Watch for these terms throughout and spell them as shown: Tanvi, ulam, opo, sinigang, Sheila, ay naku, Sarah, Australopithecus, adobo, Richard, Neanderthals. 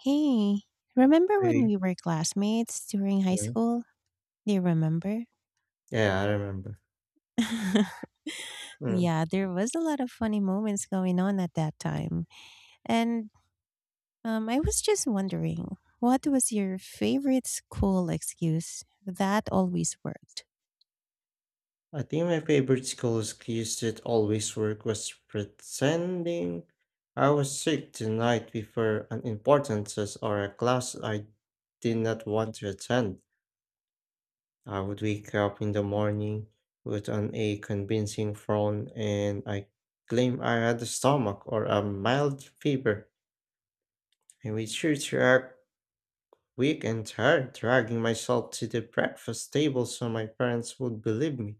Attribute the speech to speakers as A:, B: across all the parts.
A: Hey, remember when
B: I
A: we were classmates during high
B: mm,
A: school? Do you remember?
B: yeah, I remember. Mm.
A: Yeah, there was a lot of funny moments going on at that time. And I was just wondering, what was your favorite school excuse that always worked?
B: I think my favorite school excuse that always work was pretending I was sick the night before an important test or a class I did not want to attend. I would wake up in the morning with an a convincing frown and I claim I had a stomach or a mild fever. I made sure to act weak and tired, dragging myself to the breakfast table so my parents would believe me.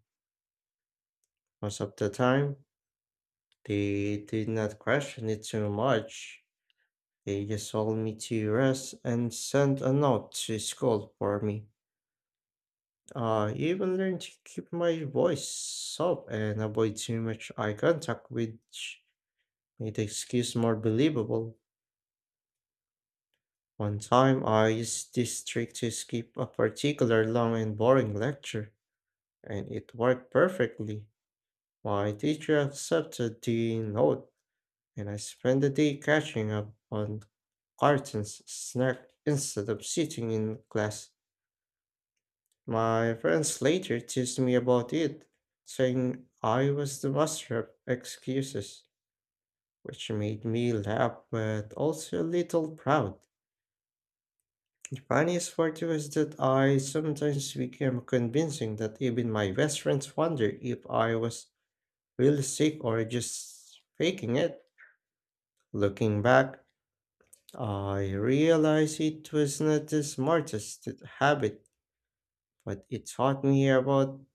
B: Most of the time, they did not question it too much. They just told me to rest and sent a note to school for me. I even learned to keep my voice up and avoid too much eye contact, which made the excuse more believable. One time, I used this trick to skip a particular long and boring lecture, and it worked perfectly. My teacher accepted the note and I spend the day catching up on cartoons snack instead of sitting in class. My friends later teased me about it, saying I was the master of excuses, which made me laugh but also a little proud. The funniest part was that I sometimes became convincing that even my best friends wonder if I was really sick or just faking it. Looking back, I realized it was not the smartest habit, but it taught me about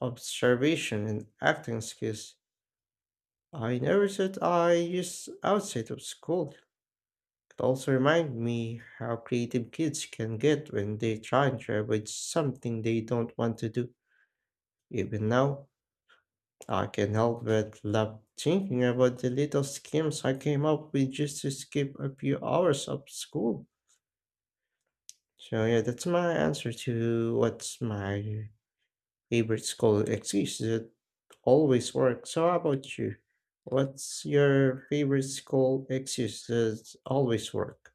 B: observation and acting skills. I never thought I used outside of school. It also reminded me how creative kids can get when they try and avoid something they don't want to do. Even now, I can help but love thinking about the little schemes I came up with just to skip a few hours of school. So yeah, that's my answer to what's my favorite school excuse that always works. So how about you? What's your favorite school excuse that always work?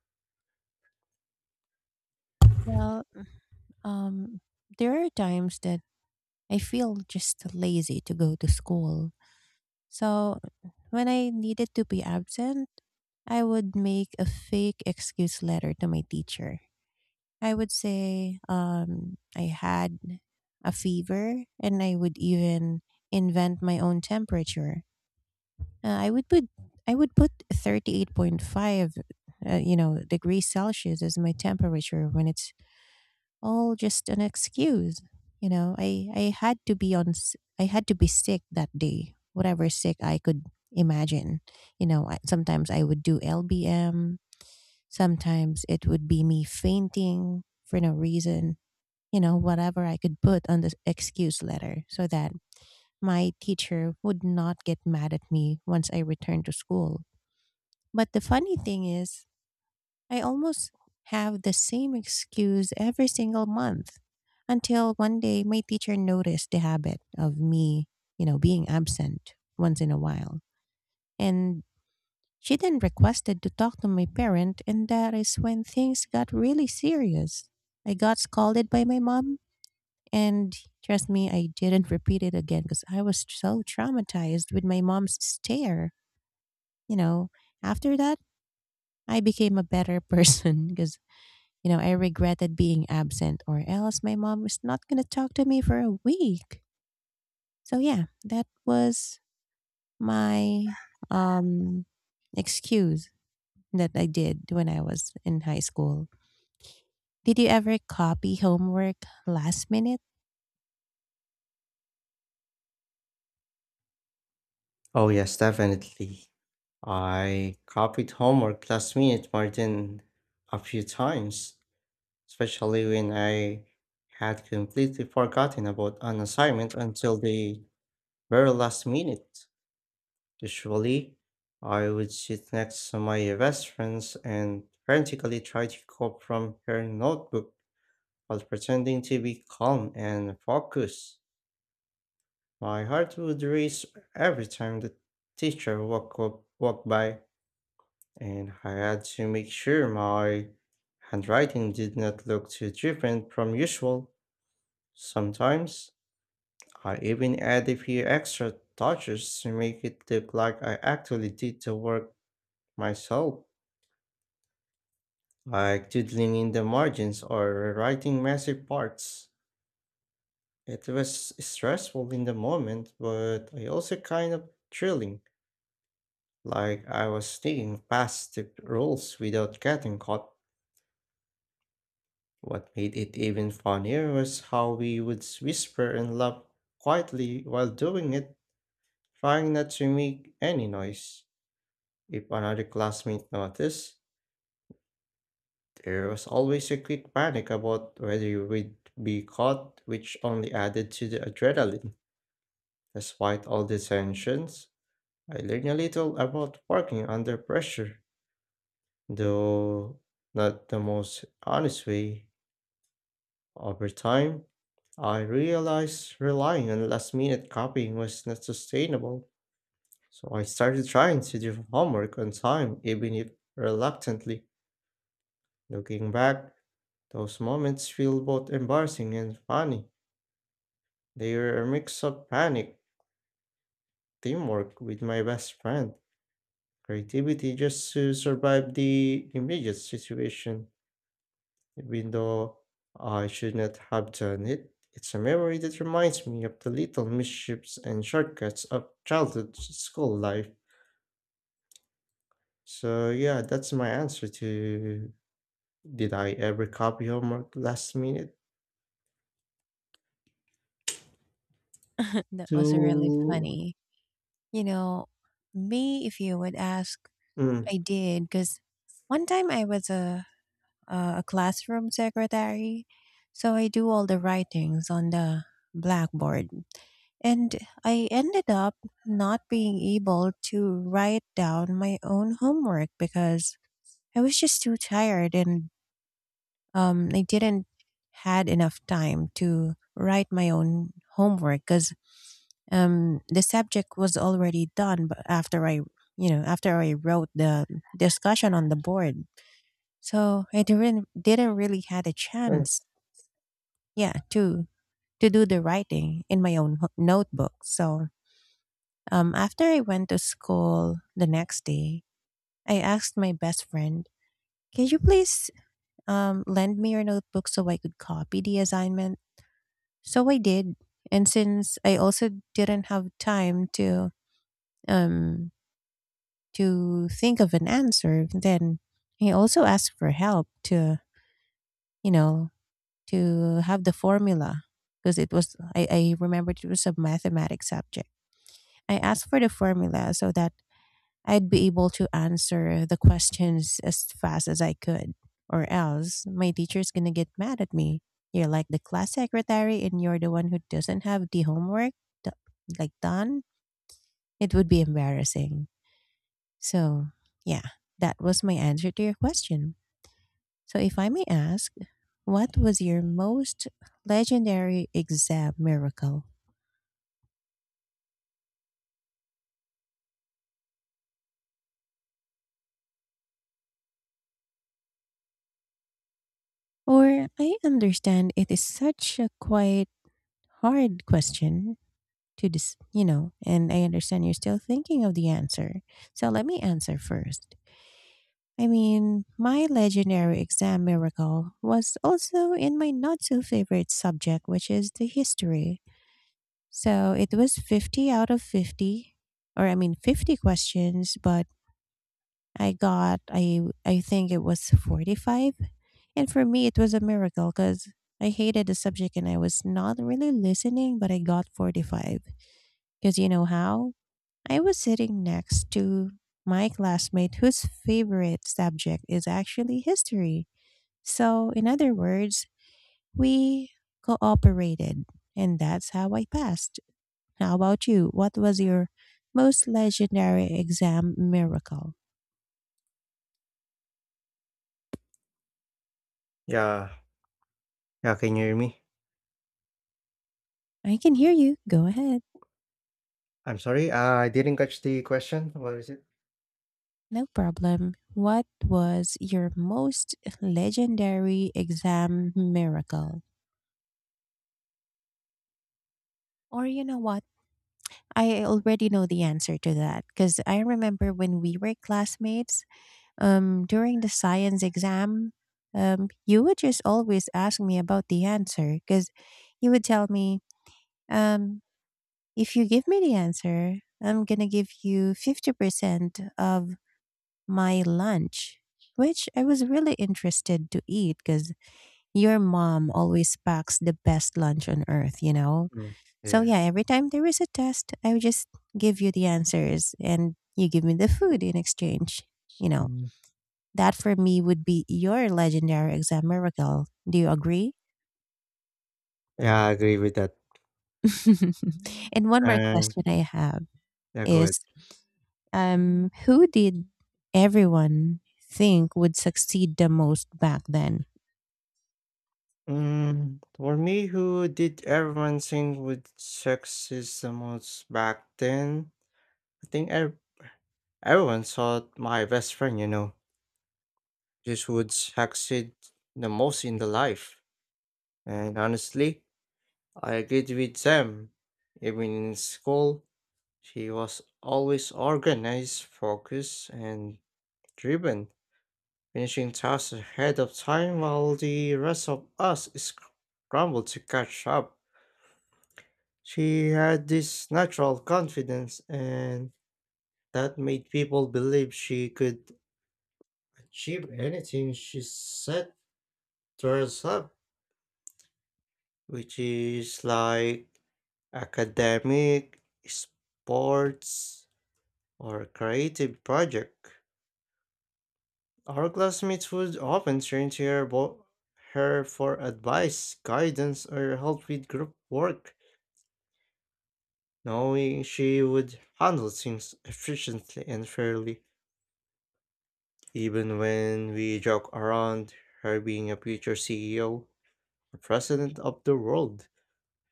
A: Well, um, there are times that I feel just lazy to go to school. So when I needed to be absent, I would make a fake excuse letter to my teacher. I would say I had a fever, and I would even invent my own temperature. Uh, I would put I would put 38.5, degrees Celsius as my temperature when it's all just an excuse. I had to I had to be sick that day, whatever sick I could imagine. Sometimes I would do LBM, sometimes it would be me fainting for no reason. You know, whatever I could put on the excuse letter so that my teacher would not get mad at me once I returned to school. But the funny thing is, I almost have the same excuse every single month until one day my teacher noticed the habit of me, you know, being absent once in a while. And she then requested to talk to my parent, and that is when things got really serious. I got scolded by my mom, and trust me, I didn't repeat it again because I was so traumatized with my mom's stare. You know, after that, I became a better person because you know, I regretted being absent, or else my mom is not going to talk to me for a week. So, yeah, that was my um, excuse that I did when I was in high school. Did you ever copy homework last minute?
B: Oh yes, definitely. I copied homework last minute more than a few times, especially when I had completely forgotten about an assignment until the very last minute. Usually, I would sit next to my best friends and frantically try to copy from her notebook while pretending to be calm and focused. My heart would race every time the walked by, and I had to make sure my handwriting did not look too different from usual. Sometimes, I even add a few extra touches to make it look like I actually did the work myself, like doodling in the margins or writing massive parts. It was stressful in the moment, but I also kind of thrilling, like I was sticking past the rules without getting caught. What made it even funnier was how we would whisper and laugh quietly while doing it, trying not to make any noise. If another classmate noticed, there was always a quick panic about whether you would be caught, which only added to the adrenaline. Despite all the tensions, I learned a little about working under pressure, though not the most honest way. Over time, I realized relying on last minute copying was not sustainable, so I started trying to do homework on time, even if reluctantly. Looking back, those moments feel both embarrassing and funny. They were a mix of panic, teamwork with my best friend, creativity just to survive the immediate situation, even though I should not have done it. It's a memory that reminds me of the little mischiefs and shortcuts of childhood school life. So, yeah, that's my answer to did I ever copy homework last minute?
A: That was really
B: To.
A: funny. You know, me, if you would ask,
B: Mm.
A: I did because one time I was a classroom secretary, so I do all the writings on the blackboard. And I ended up not being able to write down my own homework because I was just too tired and I didn't had enough time to write my own homework because the subject was already done but after I you know after I wrote the discussion on the board. So I didn't really had a
B: Sorry.
A: chance yeah to do the writing in my own notebook. So after I went to school the next day, I asked my best friend, can you please lend me your notebook so I could copy the assignment? So I did. And since I also didn't have time um, to think of an answer, then I also asked for help to, you know, to have the formula because I remembered it was a mathematics subject. I asked for the formula so that I'd be able to answer the questions as fast as I could, or else my teacher's gonna get mad at me. You're like the class secretary and you're the one who doesn't have the homework do- like done. It would be embarrassing. So, yeah, that was my answer to your question. So, if I may ask, what was your most legendary exam miracle? Or I understand it is such a quite hard question to this, you know, and I understand you're still thinking of the answer. So let me answer first. I mean, my legendary exam miracle was also in my not so favorite subject, which is the history. So it was 50 out of 50, or I mean 50 questions, but I got I think it was 45. And for me it was a miracle cuz I hated the subject and I was not really listening, but I got 45. Cuz you know how? I was sitting next to my classmate whose favorite subject is actually history. So, in other words, we cooperated, and that's how I passed. How about you? What was your most legendary exam miracle?
B: Yeah. Yeah, can you hear me?
A: I can hear you. Go ahead.
B: I'm sorry, I didn't catch the question. What is it?
A: No problem. What was your most legendary exam miracle? Or, you know what? I already know the answer to that because I remember when we were classmates during the science exam, you would just always ask me about the answer because you would tell me, um, if you give me the answer, I'm going to give you 50% of my lunch, which I was really interested to eat because your mom always packs the best lunch on earth, you know?
B: Mm,
A: So
B: yeah.
A: yeah, every time there is a test, I would just give you the answers and you give me the food in exchange. You know,
B: Mm,
A: that for me would be your legendary exam miracle. Do you agree?
B: yeah, I agree with that.
A: And one more
B: And
A: question I have
B: yeah, go ahead.
A: is who did everyone think would succeed the most back then?
B: Mm, for me, who did everyone think would success the most back then? I think ev- Everyone thought my best friend, you know, just would succeed the most in the life. And honestly, I agreed with them. Even in school, she was always organized, focused, and driven, finishing tasks ahead of time while the rest of us scrambled to catch up. She had this natural confidence, and that made people believe she could achieve anything she set to herself, which is like academic, sports, or creative project. Our classmates would often turn to her for advice, guidance, or help with group work, knowing she would handle things efficiently and fairly, even when we joke around her being a future CEO or president of the world.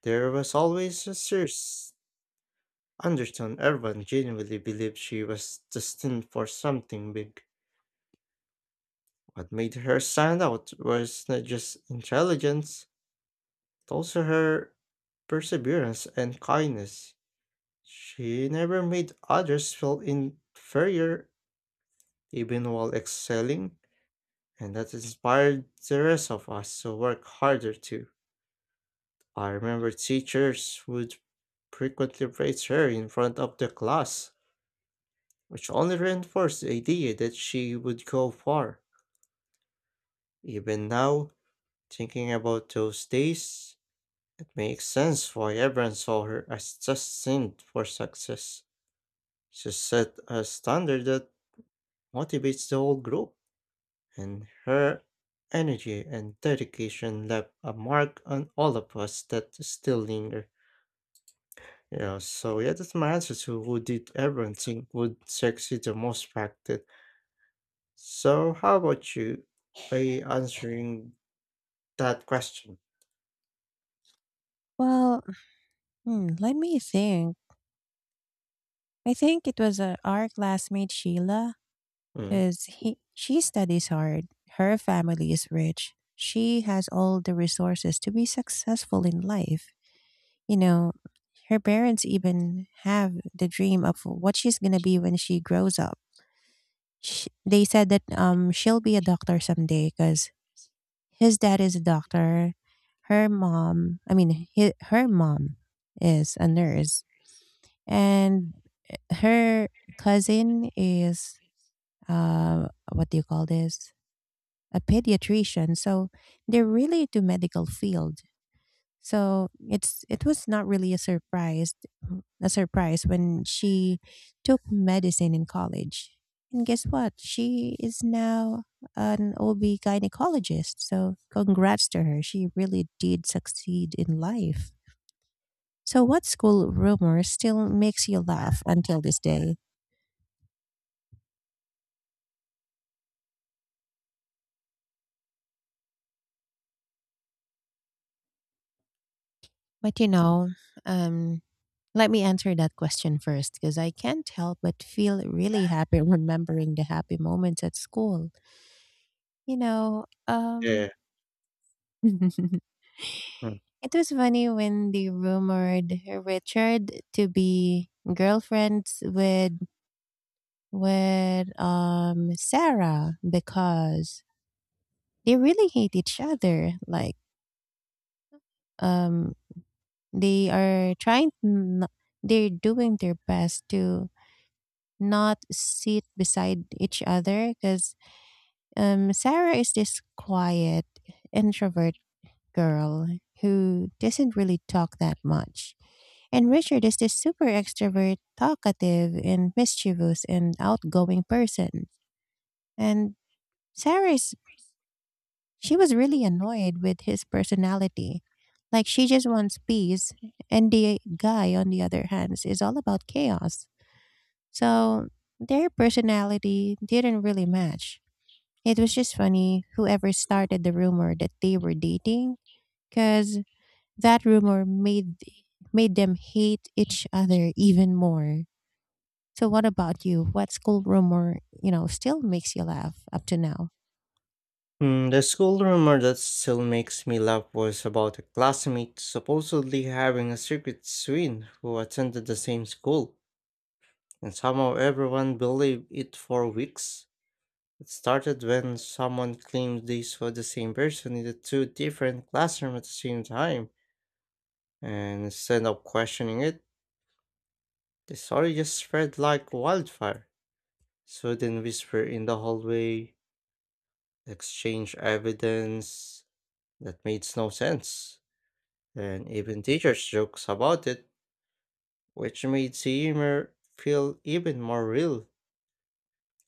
B: There was always a serious undertone. Everyone genuinely believed she was destined for something big. What made her stand out was not just intelligence, but also her perseverance and kindness. She never made others feel inferior even while excelling, and that inspired the rest of us to work harder too. I remember teachers would frequently praise her in front of the class, which only reinforced the idea that she would go far. Even now, thinking about those days, it makes sense why everyone saw her as destined for success. She set a standard that motivates the whole group, and her energy and dedication left a mark on all of us that still linger. You know, so yeah, that's my answer to who did everyone think would succeed the most back then. So how about you by answering that question?
A: Well, hmm, let me think. I think it was our classmate Sheila
B: Mm,
A: because he she studies hard. Her family is rich. She has all the resources to be successful in life. You know, her parents even have the dream of what she's gonna be when she grows up. Sh They said that she'll be a doctor someday because his dad is a doctor. Her mom, I mean, hi her mom is a nurse, and her cousin is uh what do you call this? A pediatrician. So they're really into medical field. So it was not really a surprise when she took medicine in college. And guess what? She is now an OB gynecologist. So congrats to her. She really did succeed in life. So what school rumor still makes you laugh until this day? But you know, um, Let me answer that question first because I can't help but feel really happy remembering the happy moments at school. You know,
B: yeah.
A: um, it
B: Mm.
A: was funny when they rumored Richard to be girlfriends with Sarah because they really hate each other, like um they they're doing their best to not sit beside each other because Sarah is this quiet introvert girl who doesn't really talk that much, and Richard is this super extrovert, talkative, and mischievous and outgoing person. And Sarah is She was really annoyed with his personality. Like she just wants peace, and the guy, on the other hand, is all about chaos. So their personality didn't really match. It was just funny whoever started the rumor that they were dating, because that rumor made them hate each other even more. So what about you? What school rumor, you know, still makes you laugh up to now?
B: Mm, the school rumor that still makes me laugh was about a classmate supposedly having a secret twin who attended the same school, and somehow everyone believed it for weeks. It started when someone claimed they saw the same person in the two different classrooms at the same time, and instead of questioning it, the story just spread like wildfire. So then whisper in the hallway, exchange evidence that made no sense, and even teachers jokes about it, which made the humor feel even more real.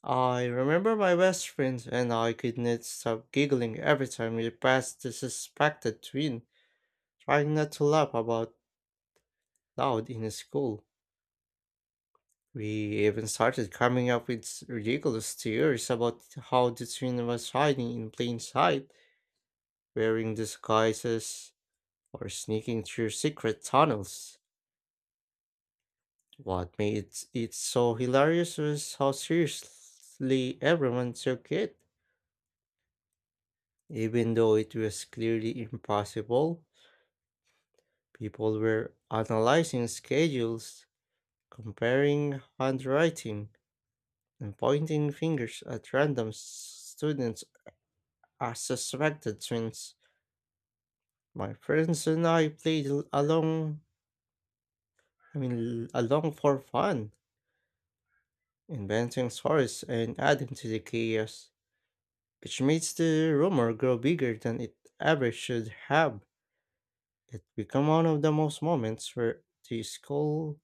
B: I remember my best friends and I could not stop giggling every time we passed the suspected twin, trying not to laugh about loud in school. We even started coming up with ridiculous theories about how the twin was hiding in plain sight, wearing disguises, or sneaking through secret tunnels. What made it so hilarious was how seriously everyone took it. Even though it was clearly impossible, people were analyzing schedules, comparing handwriting, and pointing fingers at random students as suspected twins. My friends and I played l- along, I mean, l- along for fun, inventing stories and adding to the chaos, which makes the rumor grow bigger than it ever should have. It became one of the most moments where the school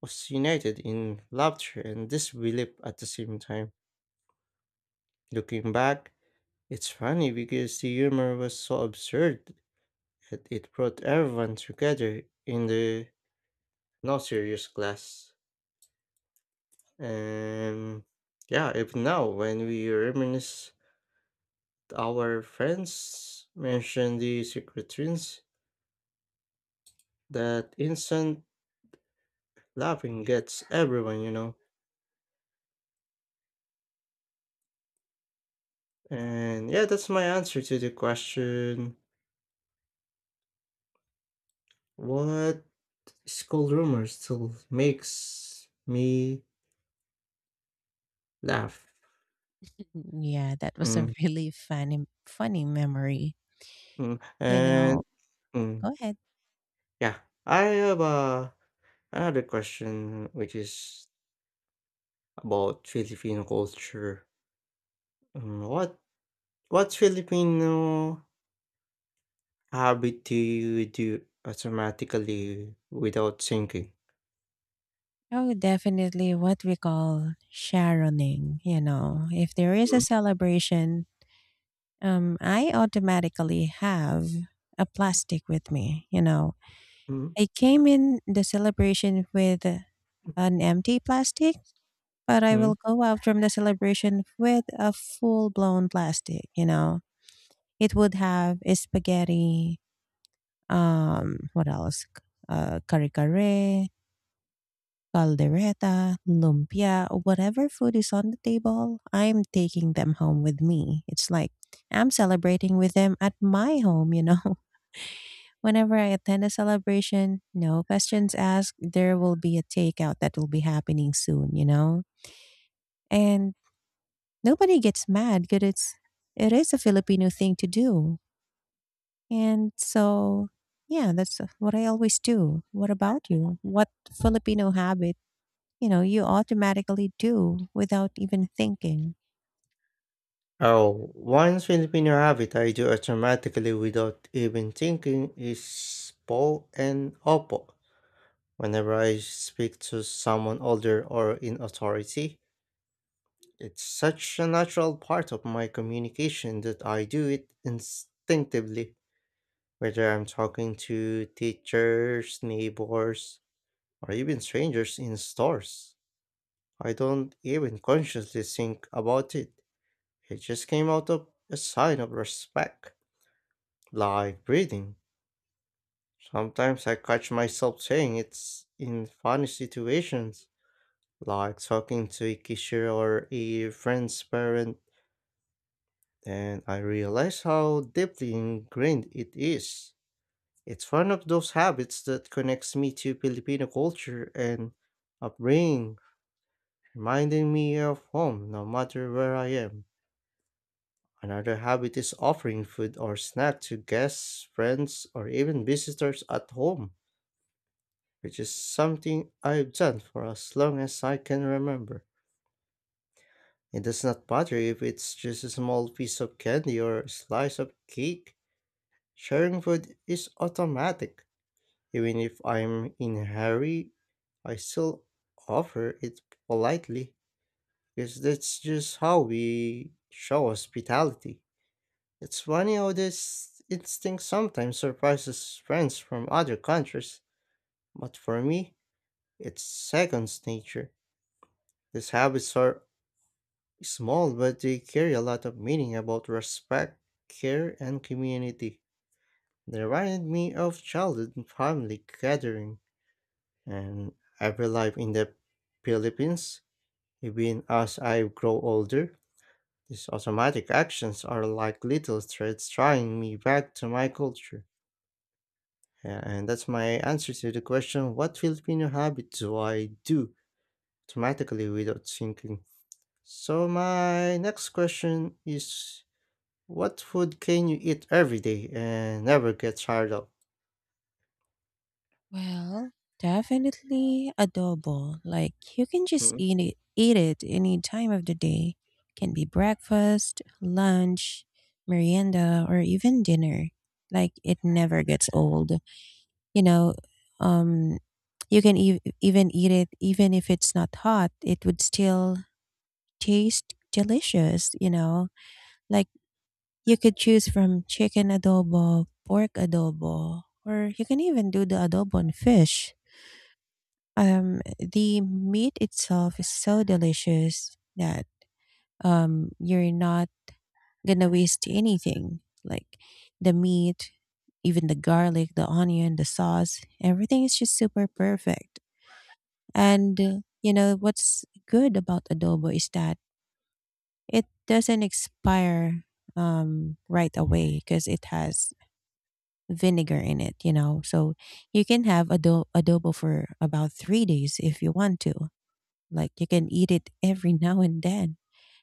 B: was united in laughter and disbelief at the same time. Looking back, it's funny because the humor was so absurd that it brought everyone together in the no serious class. And yeah, even now when we reminisce our friends mention the secret twins, that instant laughing gets everyone, you know. And yeah, that's my answer to the question. What school rumor still makes me laugh?
A: Yeah, that was a
B: Mm,
A: really funny memory.
B: mm,
A: You know,
B: mm,
A: go ahead.
B: yeah, I have a I had a question, which is about Filipino culture. What what Filipino habit do you do automatically without thinking?
A: Oh, definitely what we call Sharoning, you know. If there is a
B: Mhm.
A: celebration, I automatically have a plastic with me, you know.
B: Hmm?
A: I came in the celebration with an empty plastic, but I
B: Hmm?
A: will go out from the celebration with a full blown plastic, you know. It would have a spaghetti, what else? Kare kare, caldereta, lumpia, or whatever food is on the table, I'm taking them home with me. It's like I'm celebrating with them at my home, you know. Whenever I attend a celebration, no questions asked, there will be a takeout that will be happening soon, you know. And nobody gets mad because it is a Filipino thing to do. And so yeah, that's what I always do. What about you? What Filipino habit, you know, you automatically do without even thinking.
B: Oh, one Filipino habit I do automatically without even thinking is po and opo. Whenever I speak to someone older or in authority, it's such a natural part of my communication that I do it instinctively, whether I'm talking to teachers, neighbors, or even strangers in stores. I don't even consciously think about it. It just came out of a sign of respect, like breathing. Sometimes I catch myself saying it's in funny situations, like talking to a cashier or a friend's parent, and I realize how deeply ingrained it is. It's one of those habits that connects me to Filipino culture and upbringing, reminding me of home no matter where I am. Another habit is offering food or snack to guests, friends, or even visitors at home, which is something I've done for as long as I can remember. It does not matter if it's just a small piece of candy or a slice of cake. Sharing food is automatic. Even if I'm in a hurry, I still offer it politely because that's just how we show hospitality. It's funny how this instinct sometimes surprises friends from other countries, but for me, it's second nature. These habits are small, but they carry a lot of meaning about respect, care, and community. They remind me of childhood family gathering and every life in the Philippines. Even as I grow older, these automatic actions are like little threads drawing me back to my culture. Yeah, and that's my answer to the question, what Filipino habit do I do automatically without thinking? So, my next question is what food can you eat every day and never get tired of?
A: Well, definitely adobo. Like you can just
B: Mm,
A: eat it any time of the day. Can be breakfast, lunch, merienda, or even dinner. Like it never gets old. You know, um you can even eat it even if it's not hot. It would still taste delicious, you know. Like you could choose from chicken adobo, pork adobo, or you can even do the adobo on fish. The meat itself is so delicious that you're not gonna waste anything. Like the meat, even the garlic, the onion, the sauce, everything is just super perfect. And you know what's good about adobo is that it doesn't expire right away because it has vinegar in it, you know. So you can have adobo for about 3 days if you want to. Like you can eat it every now and then.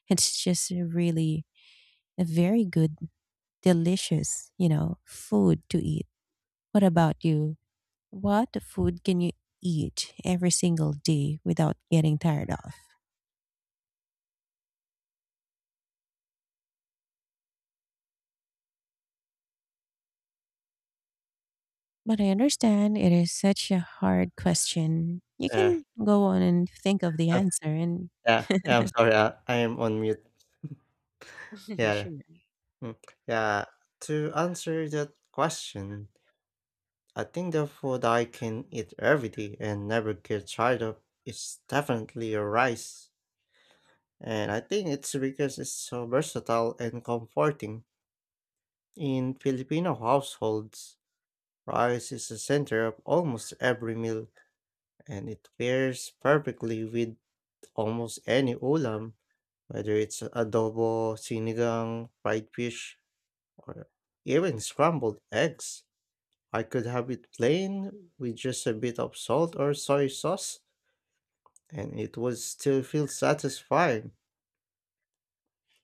A: It's just a really a very good, delicious, you know, food to eat. What about you? What food can you eat every single day without getting tired of? But I understand it is such a hard question. You
B: yeah,
A: can go on and think of the
B: I'm,
A: answer and
B: yeah, I'm sorry, I am on mute. Yeah.
A: sure.
B: Mm, Yeah, to answer that question, I think the food I can eat every day and never get tired of is definitely a rice. And I think it's because it's so versatile and comforting. In Filipino households, rice is the center of almost every meal, and it pairs perfectly with almost any ulam, whether it's adobo, sinigang, fried fish, or even scrambled eggs. I could have it plain with just a bit of salt or soy sauce, and it would still feel satisfying.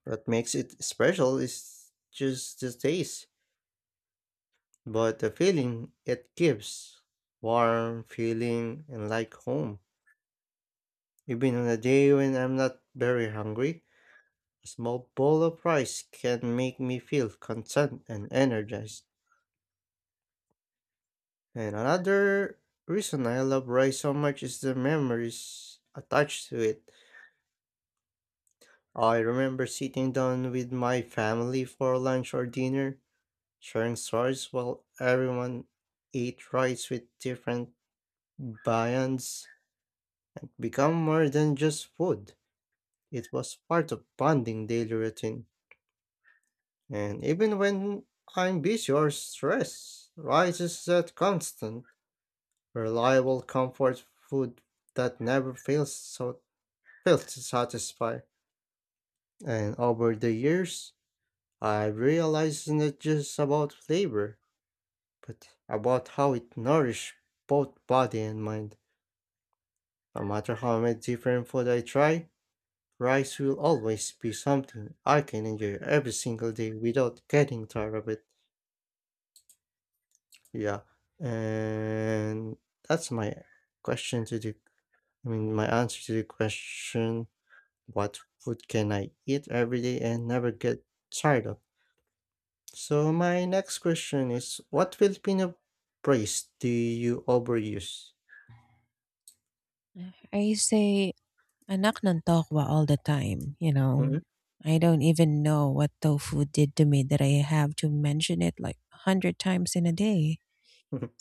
B: What makes it special is just the taste, but the feeling it gives. Warm, feeling, and like home. Even on a day when I'm not very hungry, a small bowl of rice can make me feel content and energized. And another reason I love rice so much is the memories attached to it. I remember sitting down with my family for lunch or dinner, sharing stories while everyone ate rice with different viands. Become more than just food. It was part of bonding daily routine. And even when I'm busy or stressed, rice is that constant, reliable comfort food that never fails so fails to satisfy. And over the years, I realize it's not just about flavor, but about how it nourishes both body and mind. No matter how many different food I try, rice will always be something I can enjoy every single day without getting tired of it. Yeah, and that's my question to the, I mean, my answer to the question, what food can I eat every day and never get tired of? So my next question is, what Filipino phrase do you overuse?
A: I say I Anak ng tokwa all the time, you
B: Mhm.
A: know? I don't even know what tofu did to me that I have to mention it like 100 times in a day.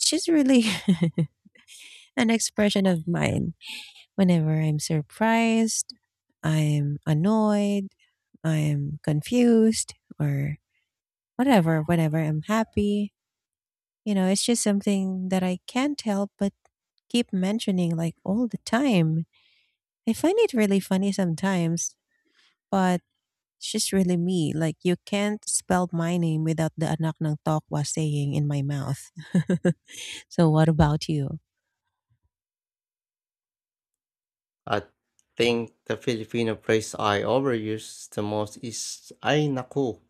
A: It's just really an expression of mine. Whenever I'm surprised, I'm annoyed, I'm confused, or whatever, whenever I'm happy, you know, it's just something that I can't help but keep mentioning like all the time. I find it really funny sometimes, but she's really me. Like, you can't spell my name without the Anak ng tokwa saying in my mouth. So, what about you?
B: I think the Filipino phrase I overuse the most is ay naku.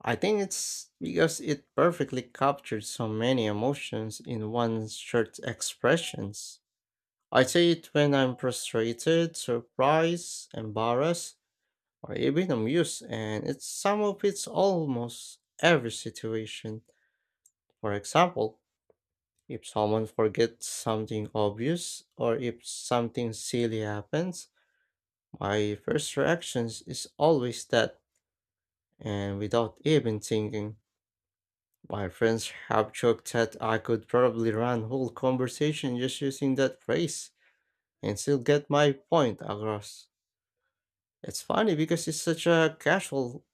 B: I think it's because it perfectly captured so many emotions in one short expressions. I say it when I'm frustrated, surprised, embarrassed, or even amused, and it some of it's almost every situation. For example, if someone forgets something obvious or if something silly happens, my first reaction is always that, and without even thinking. My friends have joked that I could probably run whole conversation just using that phrase and still get my point across. It's funny because it's such a casual,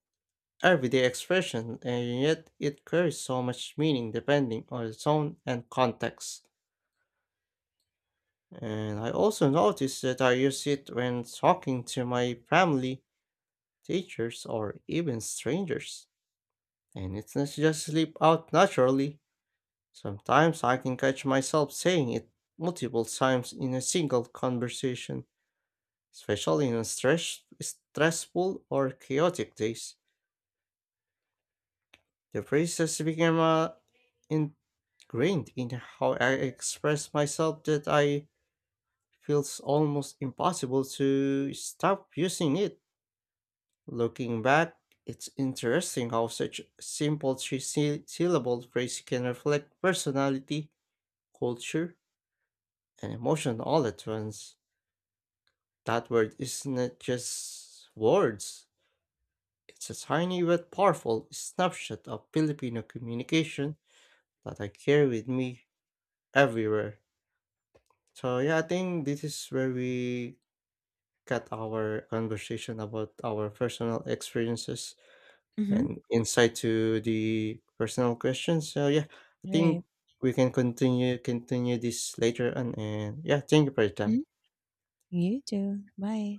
B: everyday expression, and yet it carries so much meaning depending on the tone and context. And I also notice that I use it when talking to my family, teachers, or even strangers. And it doesn't just slip out naturally. Sometimes I can catch myself saying it multiple times in a single conversation, especially on stressful or chaotic days. The phrase has become ingrained in how I express myself that I feels almost impossible to stop using it. Looking back, it's interesting how such a simple three syllable phrase can reflect personality, culture, and emotion all at once. That word isn't just words. It's a tiny but powerful snapshot of Filipino communication that I carry with me everywhere. So yeah, I think this is where we got our conversation about our personal experiences
A: Mhm.
B: and insight to the personal questions. So yeah, I
A: Right.
B: think we can continue this later on. And yeah, thank you for your time.
A: Mhm. You too. Bye.